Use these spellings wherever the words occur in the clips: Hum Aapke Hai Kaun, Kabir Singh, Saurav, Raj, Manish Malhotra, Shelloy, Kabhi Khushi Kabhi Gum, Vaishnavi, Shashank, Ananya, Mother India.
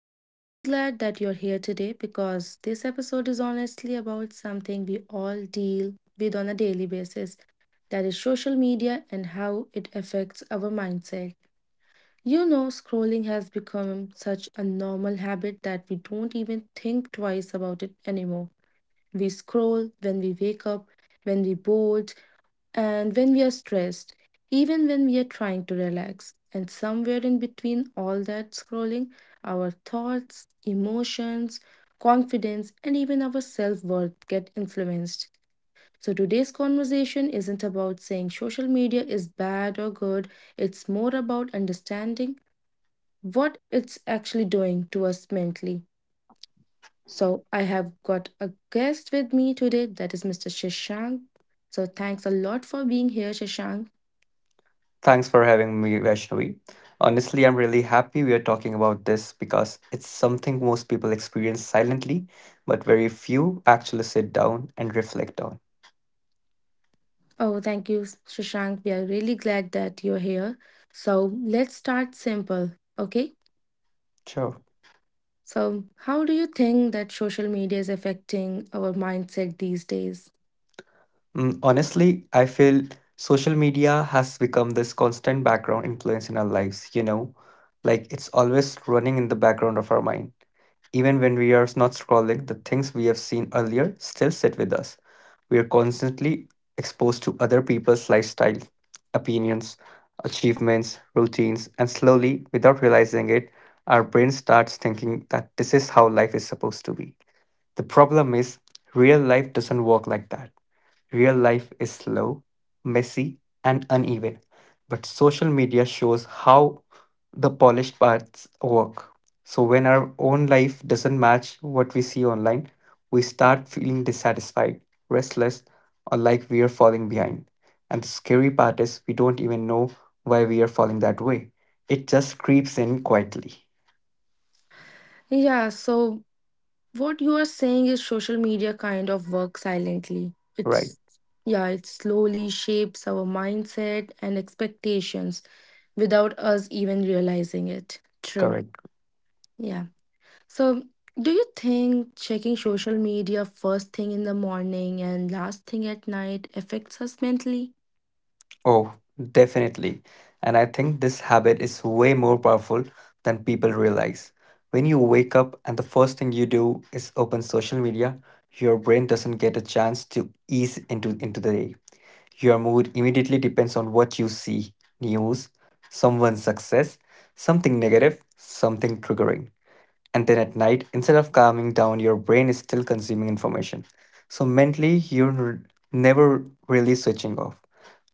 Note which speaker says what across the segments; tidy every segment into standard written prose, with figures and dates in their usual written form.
Speaker 1: I'm really glad that you're here today because this episode is honestly about something we all deal with on a daily basis, that is social media and how it affects our mindset. You know, scrolling has become such a normal habit that we don't even think twice about it anymore. We scroll when we wake up, when we're bored, and when we are stressed, even when we are trying to relax. And somewhere in between all that scrolling, our thoughts, emotions, confidence, and even our self worth get influenced. So today's conversation isn't about saying social media is bad or good, it's more about understanding what it's actually doing to us mentally. So I have got a guest with me today, that is Mr. Shashank. So thanks a lot for being here, Shashank.
Speaker 2: Thanks for having me, Vaishnavi. Honestly, I'm really happy we are talking about this because it's something most people experience silently, but very few actually sit down and reflect on.
Speaker 1: Oh, thank you, Shashank. We are really glad that you're here. So let's start simple, okay?
Speaker 2: Sure.
Speaker 1: So, how do you think that social media is affecting our mindset these days?
Speaker 2: Honestly, I feel social media has become this constant background influence in our lives, you know? Like it's always running in the background of our mind. Even when we are not scrolling, the things we have seen earlier still sit with us. We are constantly exposed to other people's lifestyle, opinions, achievements, routines, and slowly, without realizing it, our brain starts thinking that this is how life is supposed to be. The problem is, real life doesn't work like that. Real life is slow, messy, and uneven, but social media shows how the polished parts work. So when our own life doesn't match what we see online, we start feeling dissatisfied, restless, or like we are falling behind. And the scary part is we don't even know why we are falling that way. It just creeps in quietly.
Speaker 1: Yeah, so what you are saying is social media kind of works silently.
Speaker 2: Right,
Speaker 1: It's, yeah, it slowly shapes our mindset and expectations without us even realizing it. True.
Speaker 2: correct.
Speaker 1: Yeah. So, do you think checking social media first thing in the morning and last thing at night affects us mentally?
Speaker 2: Oh, definitely. And I think this habit is way more powerful than people realize. When you wake up and the first thing you do is open social media, your brain doesn't get a chance to ease into the day. Your mood immediately depends on what you see: news, someone's success, something negative, something triggering. And then at night, instead of calming down, your brain is still consuming information. So mentally, never really switching off.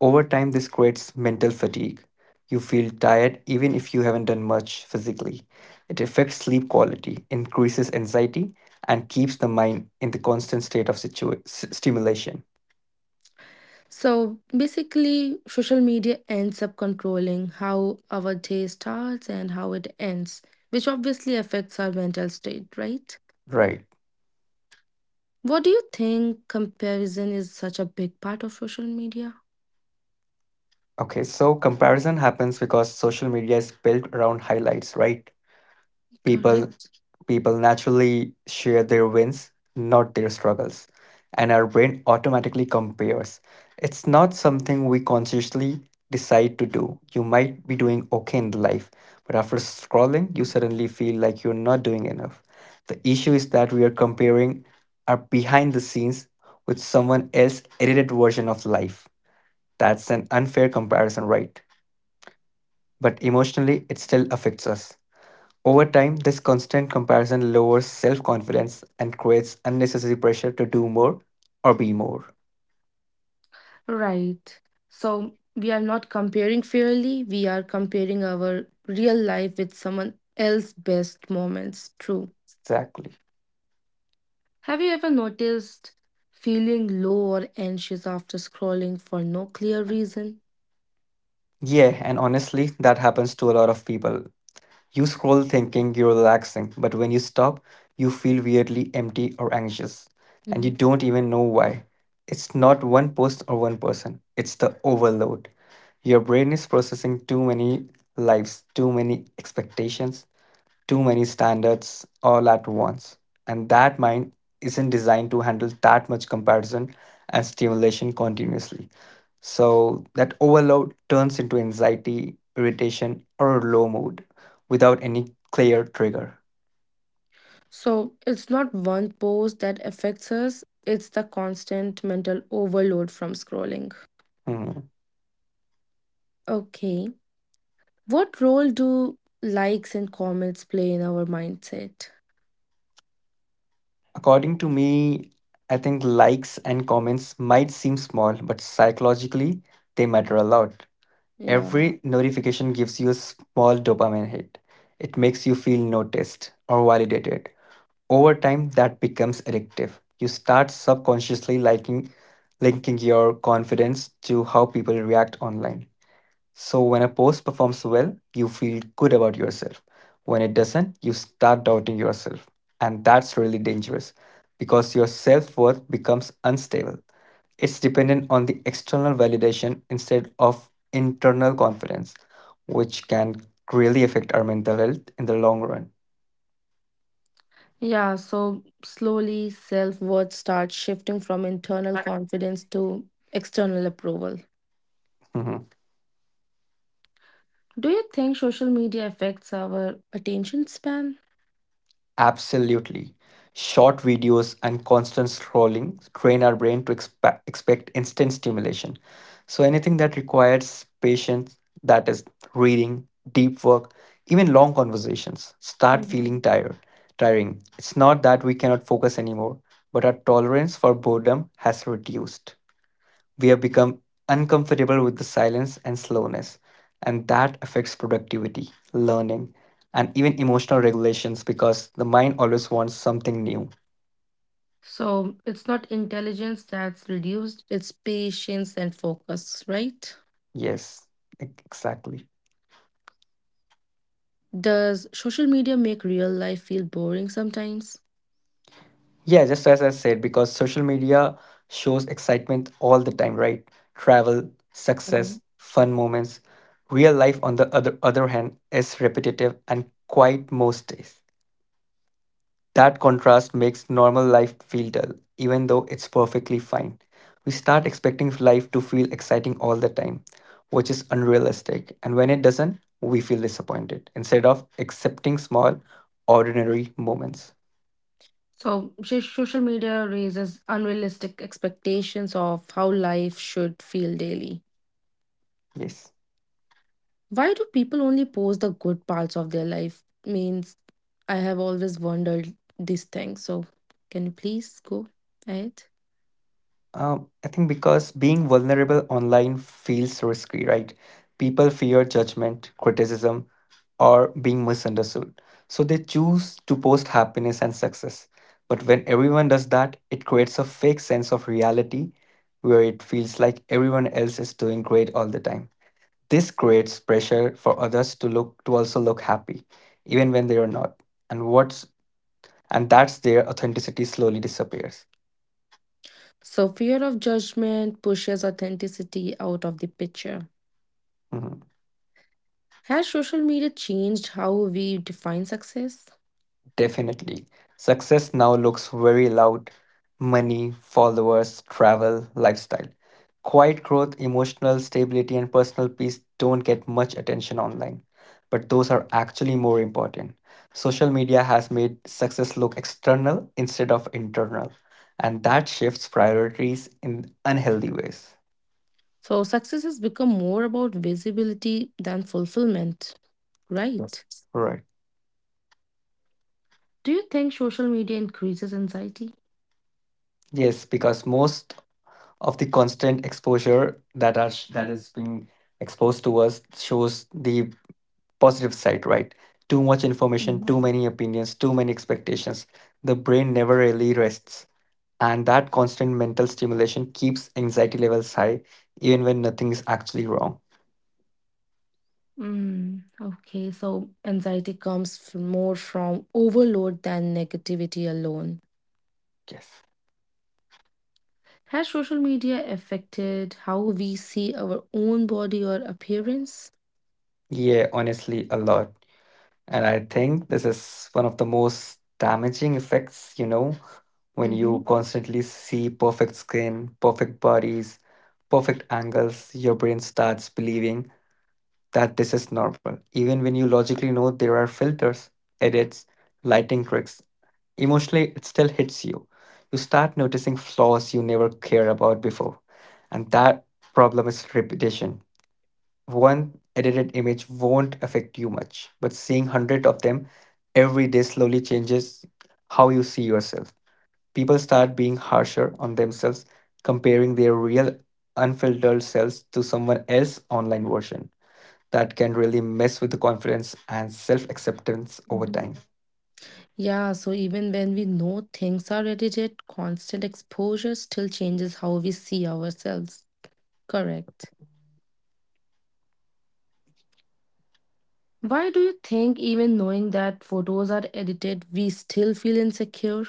Speaker 2: Over time, this creates mental fatigue. You feel tired even if you haven't done much physically. It affects sleep quality, increases anxiety, and keeps the mind in the constant state of stimulation.
Speaker 1: So, basically, social media ends up controlling how our day starts and how it ends, which obviously affects our mental state, right?
Speaker 2: Right.
Speaker 1: What do you think comparison is such a big part of social media?
Speaker 2: Okay, so comparison happens because social media is built around highlights, right? People
Speaker 1: Correct.
Speaker 2: People naturally share their wins, not their struggles, and our brain automatically compares. It's not something we consciously decide to do. You might be doing okay in life, but after scrolling, you suddenly feel like you're not doing enough. The issue is that we are comparing our behind the scenes with someone else's edited version of life. That's an unfair comparison, right? But emotionally, it still affects us. Over time, this constant comparison lowers self confidence and creates unnecessary pressure to do more or be more.
Speaker 1: Right. So we are not comparing fairly, we are comparing our real life with someone else's best moments. True.
Speaker 2: Exactly.
Speaker 1: Have you ever noticed feeling low or anxious after scrolling for no clear reason?
Speaker 2: Yeah, and honestly, that happens to a lot of people. You scroll thinking you're relaxing, but when you stop, you feel weirdly empty or anxious, and you
Speaker 1: Mhm.
Speaker 2: don't even know why. It's not one post or one person, it's the overload. Your brain is processing too many lives, too many expectations, too many standards all at once. And that mind isn't designed to handle that much comparison and stimulation continuously. So that overload turns into anxiety, irritation, or a low mood without any clear trigger.
Speaker 1: So it's not one post that affects us, it's the constant mental overload from scrolling.
Speaker 2: Hmm.
Speaker 1: Okay. What role do likes and comments play in our mindset?
Speaker 2: According to me, I think likes and comments might seem small, but psychologically, they matter a lot.
Speaker 1: Yeah.
Speaker 2: Every notification gives you a small dopamine hit. It makes you feel noticed or validated. Over time, that becomes addictive. You start linking your confidence to how people react online. So when a post performs well, you feel good about yourself. When it doesn't, you start doubting yourself. And that's really dangerous because your self worth becomes unstable. It's dependent on the external validation instead of internal confidence, which can really affect our mental health in the long run.
Speaker 1: Yeah, so slowly self worth starts shifting from internal confidence to external approval. Do you think social media affects our attention span?
Speaker 2: Absolutely. Short videos and constant scrolling train our brain to expect instant stimulation. So anything that requires patience, that is reading, deep work, even long conversations, start
Speaker 1: Mhm.
Speaker 2: tiring. It's not that we cannot focus anymore, but our tolerance for boredom has reduced. We have become uncomfortable with the silence and slowness, and that affects productivity, learning, and even emotional regulations because the mind always wants something new.
Speaker 1: So it's not intelligence that's reduced, it's patience and focus, right?
Speaker 2: Yes, exactly.
Speaker 1: Does social media make real life feel boring sometimes?
Speaker 2: Yeah, just as I said, because social media shows excitement all the time, right? Travel, success,
Speaker 1: Mhm.
Speaker 2: fun moments. Real life, on the other hand, is repetitive and quiet most days. That contrast makes normal life feel dull, even though it's perfectly fine. We start expecting life to feel exciting all the time, which is unrealistic, and when it doesn't, we feel disappointed instead of accepting small, ordinary moments.
Speaker 1: So social media raises unrealistic expectations of how life should feel daily.
Speaker 2: Yes.
Speaker 1: Why do people only post the good parts of their life? Means I have always wondered this thing. So can you please go ahead?
Speaker 2: I think because being vulnerable online feels risky, right? People fear judgment, criticism, or being misunderstood. So they choose to post happiness and success. But when everyone does that, it creates a fake sense of reality where it feels like everyone else is doing great all the time. This creates pressure for others to also look happy, even when they are not. And what's and that's their authenticity slowly disappears.
Speaker 1: So fear of judgment pushes authenticity out of the picture.
Speaker 2: Mhm.
Speaker 1: Has social media changed how we define success?
Speaker 2: Definitely. Success now looks very loud: money, followers, travel, lifestyle. Quiet growth, emotional stability, and personal peace don't get much attention online, but those are actually more important. Social media has made success look external instead of internal, and that shifts priorities in unhealthy ways.
Speaker 1: So success has become more about visibility than fulfillment,
Speaker 2: Yes.
Speaker 1: right?
Speaker 2: Right.
Speaker 1: Do you think social media increases anxiety?
Speaker 2: Yes, because most of the constant exposure that is being exposed to us shows the positive side, right? Too much information, too many opinions, too many expectations. The brain never really rests. And that constant mental stimulation keeps anxiety levels high, even when nothing is actually wrong.
Speaker 1: Okay, so anxiety comes more from overload than negativity alone.
Speaker 2: Yes.
Speaker 1: Has social media affected how we see our own body or appearance?
Speaker 2: Yeah, honestly, a lot. And I think this is one of the most damaging effects, when
Speaker 1: Mm-hmm.
Speaker 2: you constantly see perfect skin, perfect bodies, perfect angles, your brain starts believing that this is normal, even when you logically know there are filters, edits, lighting tricks. Emotionally, it still hits you. You start noticing flaws you never cared about before. And that problem is repetition. One edited image won't affect you much, but seeing 100 of them every day slowly changes how you see yourself. People start being harsher on themselves, comparing their real, unfiltered selves to someone else's online version that can really mess with the confidence and self acceptance over
Speaker 1: Mm-hmm.
Speaker 2: time.
Speaker 1: Yeah, so even when we know things are edited, constant exposure still changes how we see ourselves. Correct. Why do you think, even knowing that photos are edited, we still feel insecure?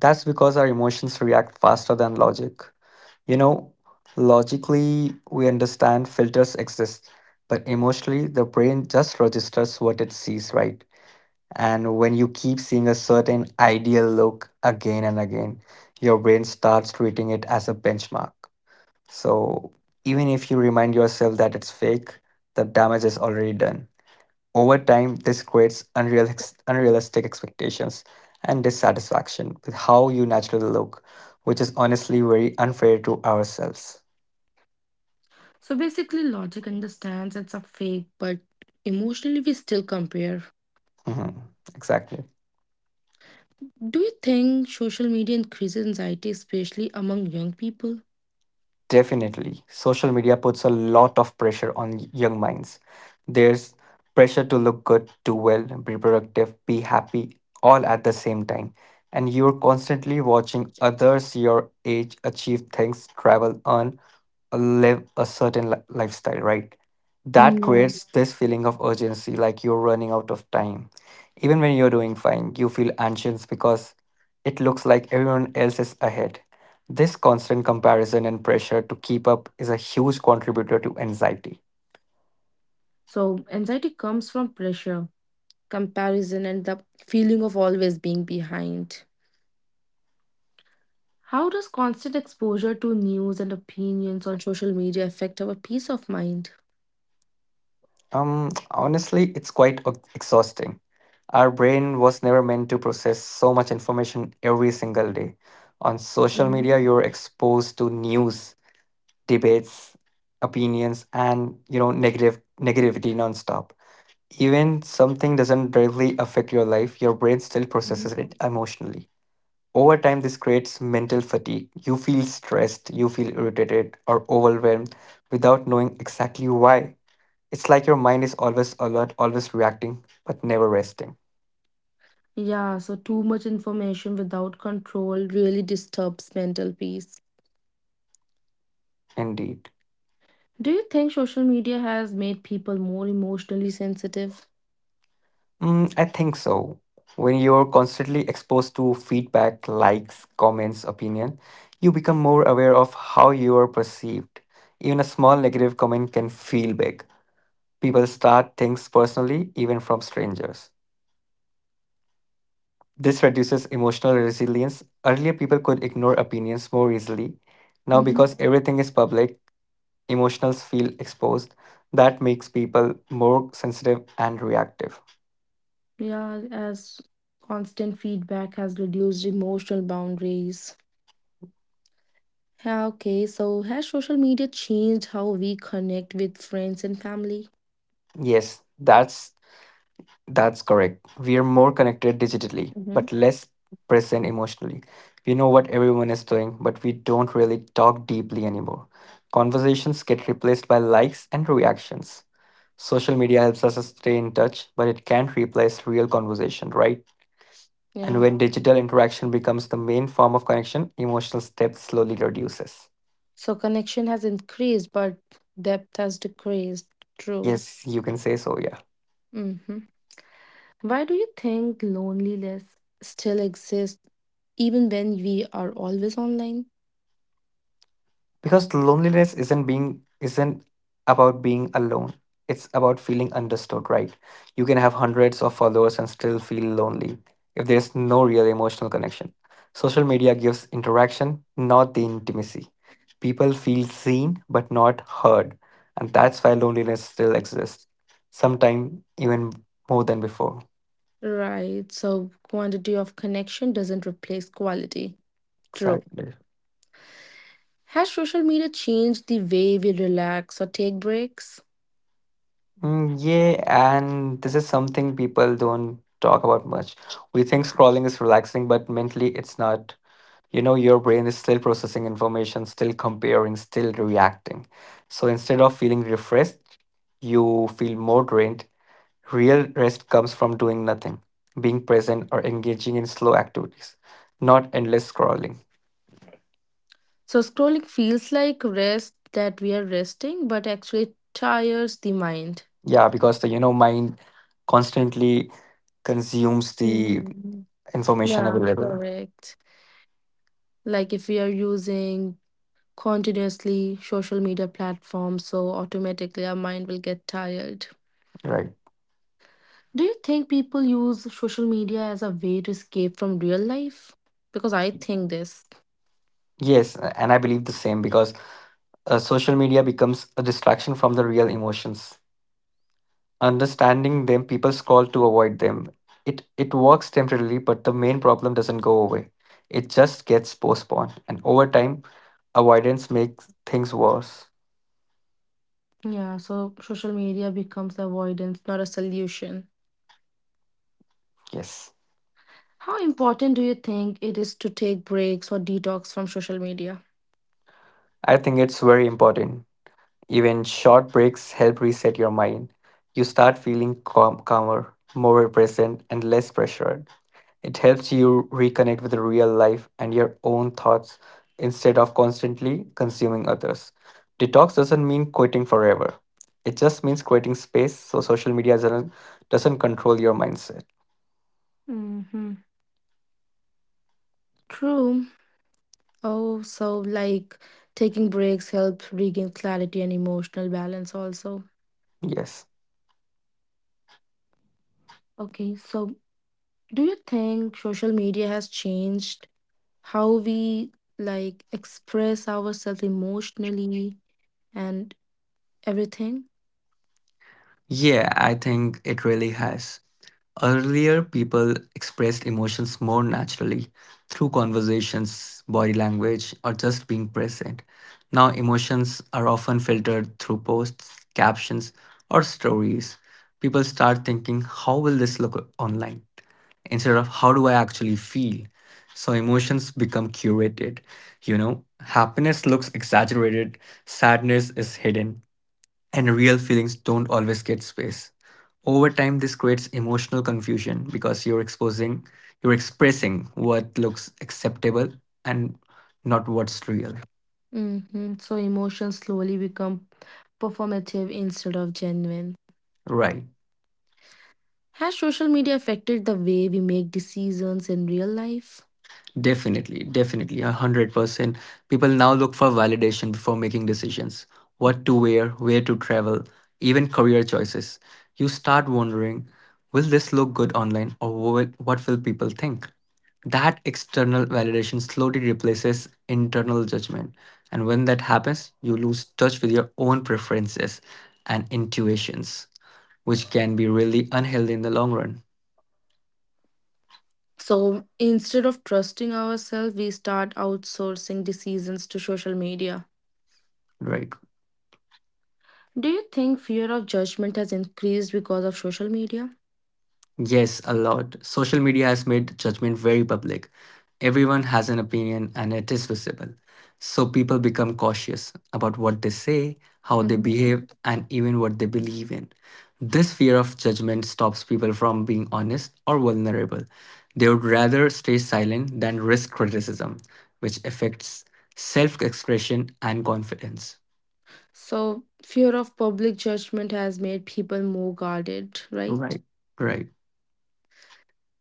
Speaker 2: That's because our emotions react faster than logic. You know, Logically, we understand filters exist, but emotionally, the brain just registers what it sees, right? And when you keep seeing a certain ideal look again and again, your brain starts treating it as a benchmark. So even if you remind yourself that it's fake, the damage is already done. Over time, this creates unrealistic expectations and dissatisfaction with how you naturally look, which is honestly very unfair to ourselves.
Speaker 1: So basically, logic understands it's a fake, but emotionally, we still compare.
Speaker 2: Mhm, exactly.
Speaker 1: Do you think social media increases anxiety, especially among young people?
Speaker 2: Definitely. Social media puts a lot of pressure on young minds. There's pressure to look good, do well, be productive, be happy, all at the same time. And you're constantly watching others your age achieve things, travel, earn, live a certain lifestyle, right? That
Speaker 1: Mm, Yeah.
Speaker 2: creates this feeling of urgency, like you're running out of time. Even when you're doing fine, you feel anxious because it looks like everyone else is ahead. This constant comparison and pressure to keep up is a huge contributor to anxiety.
Speaker 1: So, anxiety comes from pressure, comparison, and the feeling of always being behind. How does constant exposure to news and opinions on social media affect our peace of mind?
Speaker 2: Honestly, it's quite exhausting. Our brain was never meant to process so much information every single day. On social media,
Speaker 1: Mhm,
Speaker 2: you're exposed to news, debates, opinions, and you know negative negativity nonstop. Even something doesn't directly affect your life, your brain still
Speaker 1: mhm.
Speaker 2: processes it emotionally. Over time, this creates mental fatigue. You feel stressed, you feel irritated or overwhelmed without knowing exactly why. It's like your mind is always alert, always reacting, but never resting.
Speaker 1: Yeah, so too much information without control really disturbs mental peace.
Speaker 2: Indeed.
Speaker 1: Do you think social media has made people more emotionally sensitive?
Speaker 2: Mm, I think so. When you're constantly exposed to feedback, likes, comments, opinion, you become more aware of how you are perceived. Even a small negative comment can feel big. People start things personally, even from strangers. This reduces emotional resilience. Earlier, people could ignore opinions more easily. Now,
Speaker 1: Hmm.
Speaker 2: because everything is public, emotionals feel exposed, that makes people more sensitive and reactive.
Speaker 1: Yeah, as constant feedback has reduced emotional boundaries. Yeah, okay, so has social media changed how we connect with friends and family?
Speaker 2: Yes, that's correct. We are more connected digitally
Speaker 1: Hmm.
Speaker 2: but less present emotionally. We know what everyone is doing, but we don't really talk deeply anymore. Conversations get replaced by likes and reactions. Social media helps us stay in touch, but it can't replace real conversation, right? And
Speaker 1: Yeah,
Speaker 2: when digital interaction becomes the main form of connection, emotional depth slowly reduces.
Speaker 1: so connection has increased, but depth has decreased. True.
Speaker 2: Yes, you can say so, yeah.
Speaker 1: Hmm. Why do you think loneliness still exists even when we are always online?
Speaker 2: Because loneliness isn't about being alone. It's about feeling understood, right? You can have hundreds of followers and still feel lonely if there's no real emotional connection. Social media gives interaction, not the intimacy. People feel seen but not heard, and that's why loneliness still exists, sometimes even more than before.
Speaker 1: Right, so quantity of connection doesn't replace quality. True.
Speaker 2: Exactly.
Speaker 1: Has social media changed the way we relax or take breaks?
Speaker 2: Mm, yeah, and this is something people don't talk about much. We think scrolling is relaxing, but mentally it's not. Your brain is still processing information, still comparing, still reacting. So instead of feeling refreshed, you feel more drained. Real rest comes from doing nothing, being present, or engaging in slow activities, not endless scrolling.
Speaker 1: So scrolling feels like rest that we are resting, but actually tires the mind.
Speaker 2: Yeah, because the mind constantly consumes the
Speaker 1: Mhm.
Speaker 2: information
Speaker 1: Yeah,
Speaker 2: available,
Speaker 1: correct. Like if we are using continuously social media platforms, so automatically our mind will get tired.
Speaker 2: right?
Speaker 1: Do you think people use social media as a way to escape from real life? Because I think this.
Speaker 2: Yes, and I believe the same because social media becomes a distraction from the real emotions. Understanding them, people scroll to avoid them. It works temporarily, but the main problem doesn't go away. It just gets postponed, and over time, avoidance makes things worse.
Speaker 1: Yeah, so social media becomes avoidance, not a solution.
Speaker 2: Yes,
Speaker 1: How important do you think it is to take breaks or detox from social media?
Speaker 2: I think it's very important. Even short breaks help reset your mind. You start feeling calmer, more present, and less pressured. It helps you reconnect with real life and your own thoughts instead of constantly consuming others. Detox doesn't mean quitting forever. It just means creating space so social media doesn't control your mindset.
Speaker 1: Mm-hmm. True. Oh, so like taking breaks help regain clarity and emotional balance also.
Speaker 2: Yes.
Speaker 1: Okay, so do you think social media has changed how we like express ourselves emotionally and everything.
Speaker 2: Yeah, I think it really has. Earlier, people expressed emotions more naturally through conversations, body language, or just being present. Now, emotions are often filtered through posts, captions, or stories. People start thinking, how will this look online? Instead of, how do I actually feel? So, emotions become curated. You know, happiness looks exaggerated, sadness is hidden, and real feelings don't always get space. Over time, this creates emotional confusion because you're expressing what looks acceptable and not what's real.
Speaker 1: Hmm. So emotions slowly become performative instead of genuine.
Speaker 2: Right.
Speaker 1: Has social media affected the way we make decisions in real life?
Speaker 2: Definitely, definitely, 100%. People now look for validation before making decisions. What to wear, where to travel, even career choices. You start wondering, will this look good online or what will people think? That external validation slowly replaces internal judgment. And when that happens, you lose touch with your own preferences and intuitions, which can be really unhealthy in the long run,
Speaker 1: So instead of trusting ourselves, we start outsourcing decisions to social media.
Speaker 2: right?
Speaker 1: Do you think fear of judgment has increased because of social media?
Speaker 2: Yes, a lot. Social media has made judgment very public. Everyone has an opinion and it is visible. So people become cautious about what they say, how they behave, and even what they believe in. This fear of judgment stops people from being honest or vulnerable. They would rather stay silent than risk criticism, which affects self expression and confidence.
Speaker 1: So, fear of public judgment has made people more guarded, right?
Speaker 2: Right. Right.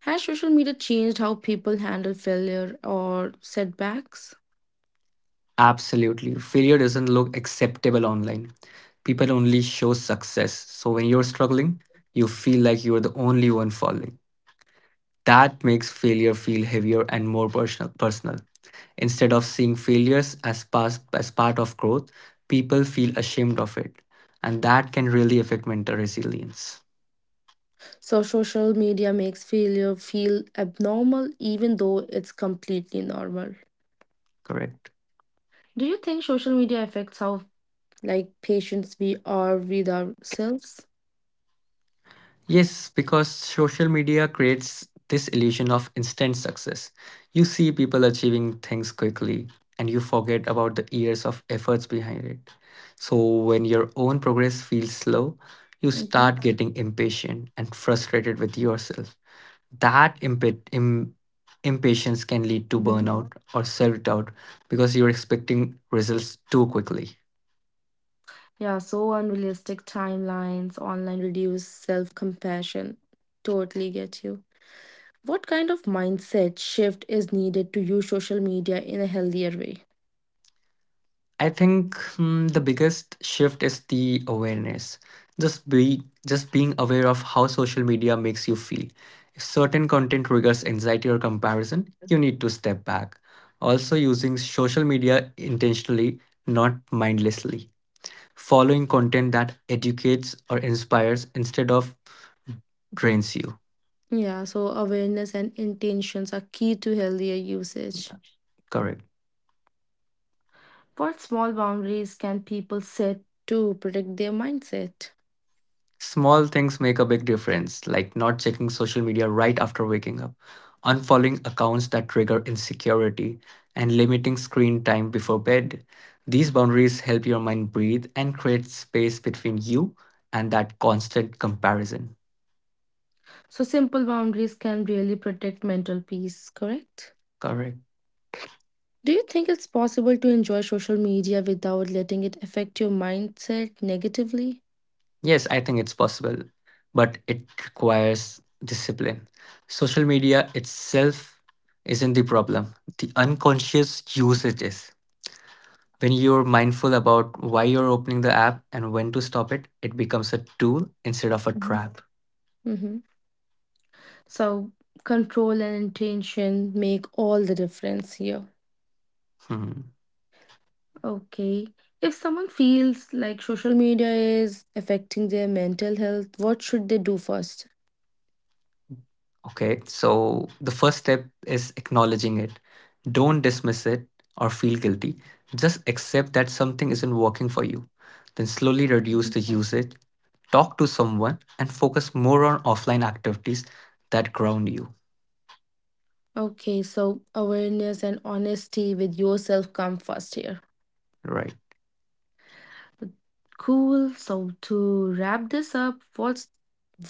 Speaker 1: Has social media changed how people handle failure or setbacks?
Speaker 2: Absolutely. Failure doesn't look acceptable online. People only show success. So when you're struggling, you feel like you're the only one falling. That makes failure feel heavier and more personal. Instead of seeing failures as part of growth, people feel ashamed of it. And that can really affect mental resilience.
Speaker 1: So, social media makes failure feel abnormal even though it's completely normal.
Speaker 2: Correct.
Speaker 1: Do you think social media affects how, like, patients we are with ourselves?
Speaker 2: Yes, because social media creates this illusion of instant success. You see people achieving things quickly and you forget about the years of efforts behind it. So, when your own progress feels slow, you
Speaker 1: Hmm.
Speaker 2: start getting impatient and frustrated with yourself. That impatience can lead to
Speaker 1: Hmm.
Speaker 2: burnout or self doubt because you're expecting results too quickly.
Speaker 1: Yeah, so unrealistic timelines, online reduced self compassion. Totally get you. What kind of mindset shift is needed to use social media in a healthier way?
Speaker 2: I think the biggest shift is the awareness. Just being aware of how social media makes you feel. If certain content triggers anxiety or comparison, you need to step back. Also using social media intentionally, not mindlessly. Following content that educates or inspires instead of drains you.
Speaker 1: Yeah, so awareness and intentions are key to healthier usage.
Speaker 2: Correct.
Speaker 1: What small boundaries can people set to protect their mindset?
Speaker 2: Small things make a big difference, like not checking social media right after waking up, unfollowing accounts that trigger insecurity, and limiting screen time before bed. These boundaries help your mind breathe and create space between you and that constant comparison.
Speaker 1: So, simple boundaries can really protect mental peace, correct?
Speaker 2: Correct.
Speaker 1: Do you think it's possible to enjoy social media without letting it affect your mindset negatively?
Speaker 2: Yes, I think it's possible, but it requires discipline. Social media itself isn't the problem, the unconscious usage is. When you're mindful about why you're opening the app and when to stop it, it becomes a tool instead of a
Speaker 1: Mhm.
Speaker 2: trap.
Speaker 1: Hmm. So, control and intention make all the difference here.
Speaker 2: Hmm.
Speaker 1: Okay. If someone feels like social media is affecting their mental health, what should they do first?
Speaker 2: Okay, so the first step is acknowledging it. Don't dismiss it or feel guilty. Just accept that something isn't working for you. Then slowly reduce the usage, talk to someone, and focus more on offline activities that ground you.
Speaker 1: Okay, so awareness and honesty with yourself come first here.
Speaker 2: Right.
Speaker 1: Cool. So, to wrap this up, what's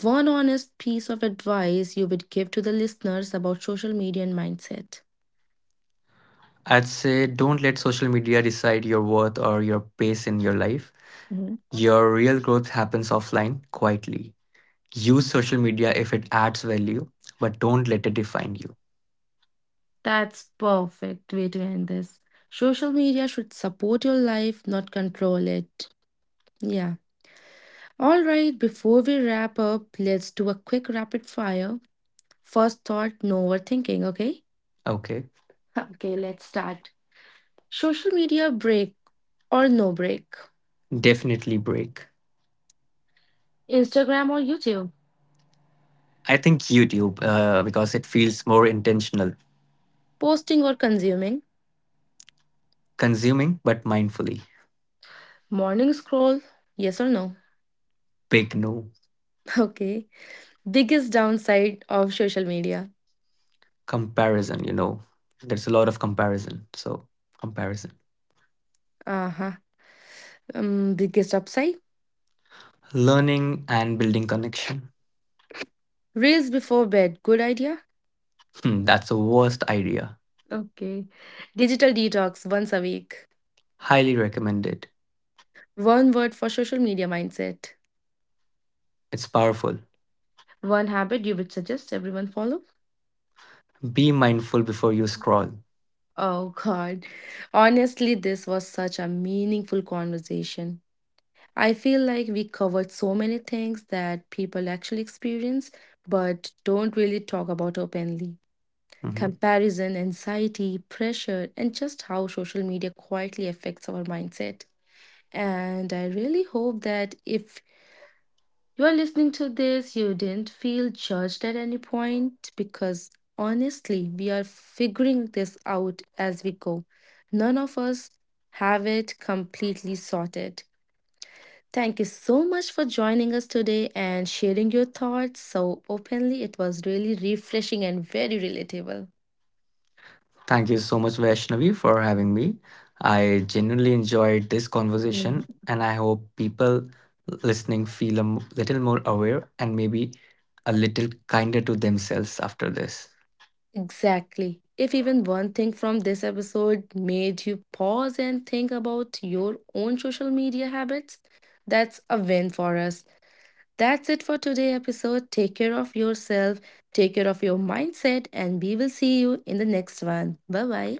Speaker 1: one honest piece of advice you would give to the listeners about social media and mindset?
Speaker 2: I'd say don't let social media decide your worth or your pace in your life.
Speaker 1: Mhm.
Speaker 2: Your real growth happens offline, quietly. Use social media if it adds value, but don't let it define you.
Speaker 1: That's perfect way to end this. Social media should support your life, not control it. Yeah. All right, before we wrap up, let's do a quick rapid fire. First thought, no overthinking, okay?
Speaker 2: Okay.
Speaker 1: Okay, let's start. Social media break or no break?
Speaker 2: Definitely break.
Speaker 1: Instagram or YouTube?
Speaker 2: I think YouTube, because it feels more intentional,
Speaker 1: Posting or consuming?
Speaker 2: consuming, but mindfully.
Speaker 1: Morning scroll, yes or no?
Speaker 2: Big no.
Speaker 1: Okay. Biggest downside of social media.
Speaker 2: Comparison, you know, there's a lot of comparison. So, comparison.
Speaker 1: Uh huh. Biggest upside?
Speaker 2: Learning and building connection.
Speaker 1: Reels before bed, good idea?
Speaker 2: Hmm, that's the worst idea.
Speaker 1: Okay. Digital detox once a week.
Speaker 2: Highly recommended.
Speaker 1: One word for social media mindset.
Speaker 2: It's powerful.
Speaker 1: One habit you would suggest everyone follow?
Speaker 2: Be mindful before you scroll.
Speaker 1: Oh god. Honestly, this was such a meaningful conversation. I feel like we covered so many things that people actually experience but don't really talk about openly.
Speaker 2: Mhm.
Speaker 1: Comparison, anxiety, pressure, and just how social media quietly affects our mindset. And I really hope that if you are listening to this, you didn't feel judged at any point because honestly, we are figuring this out as we go. None of us have it completely sorted. Thank you so much for joining us today and sharing your thoughts so openly. It was really refreshing and very relatable.
Speaker 2: Thank you so much, Vaishnavi, for having me. I genuinely enjoyed this conversation,
Speaker 1: Mhm.
Speaker 2: and I hope people listening feel little more aware and maybe a little kinder to themselves after this.
Speaker 1: Exactly. If even one thing from this episode made you pause and think about your own social media habits, that's a win for us. That's it for today's episode. Take care of yourself, take care of your mindset, and we will see you in the next one. Bye bye.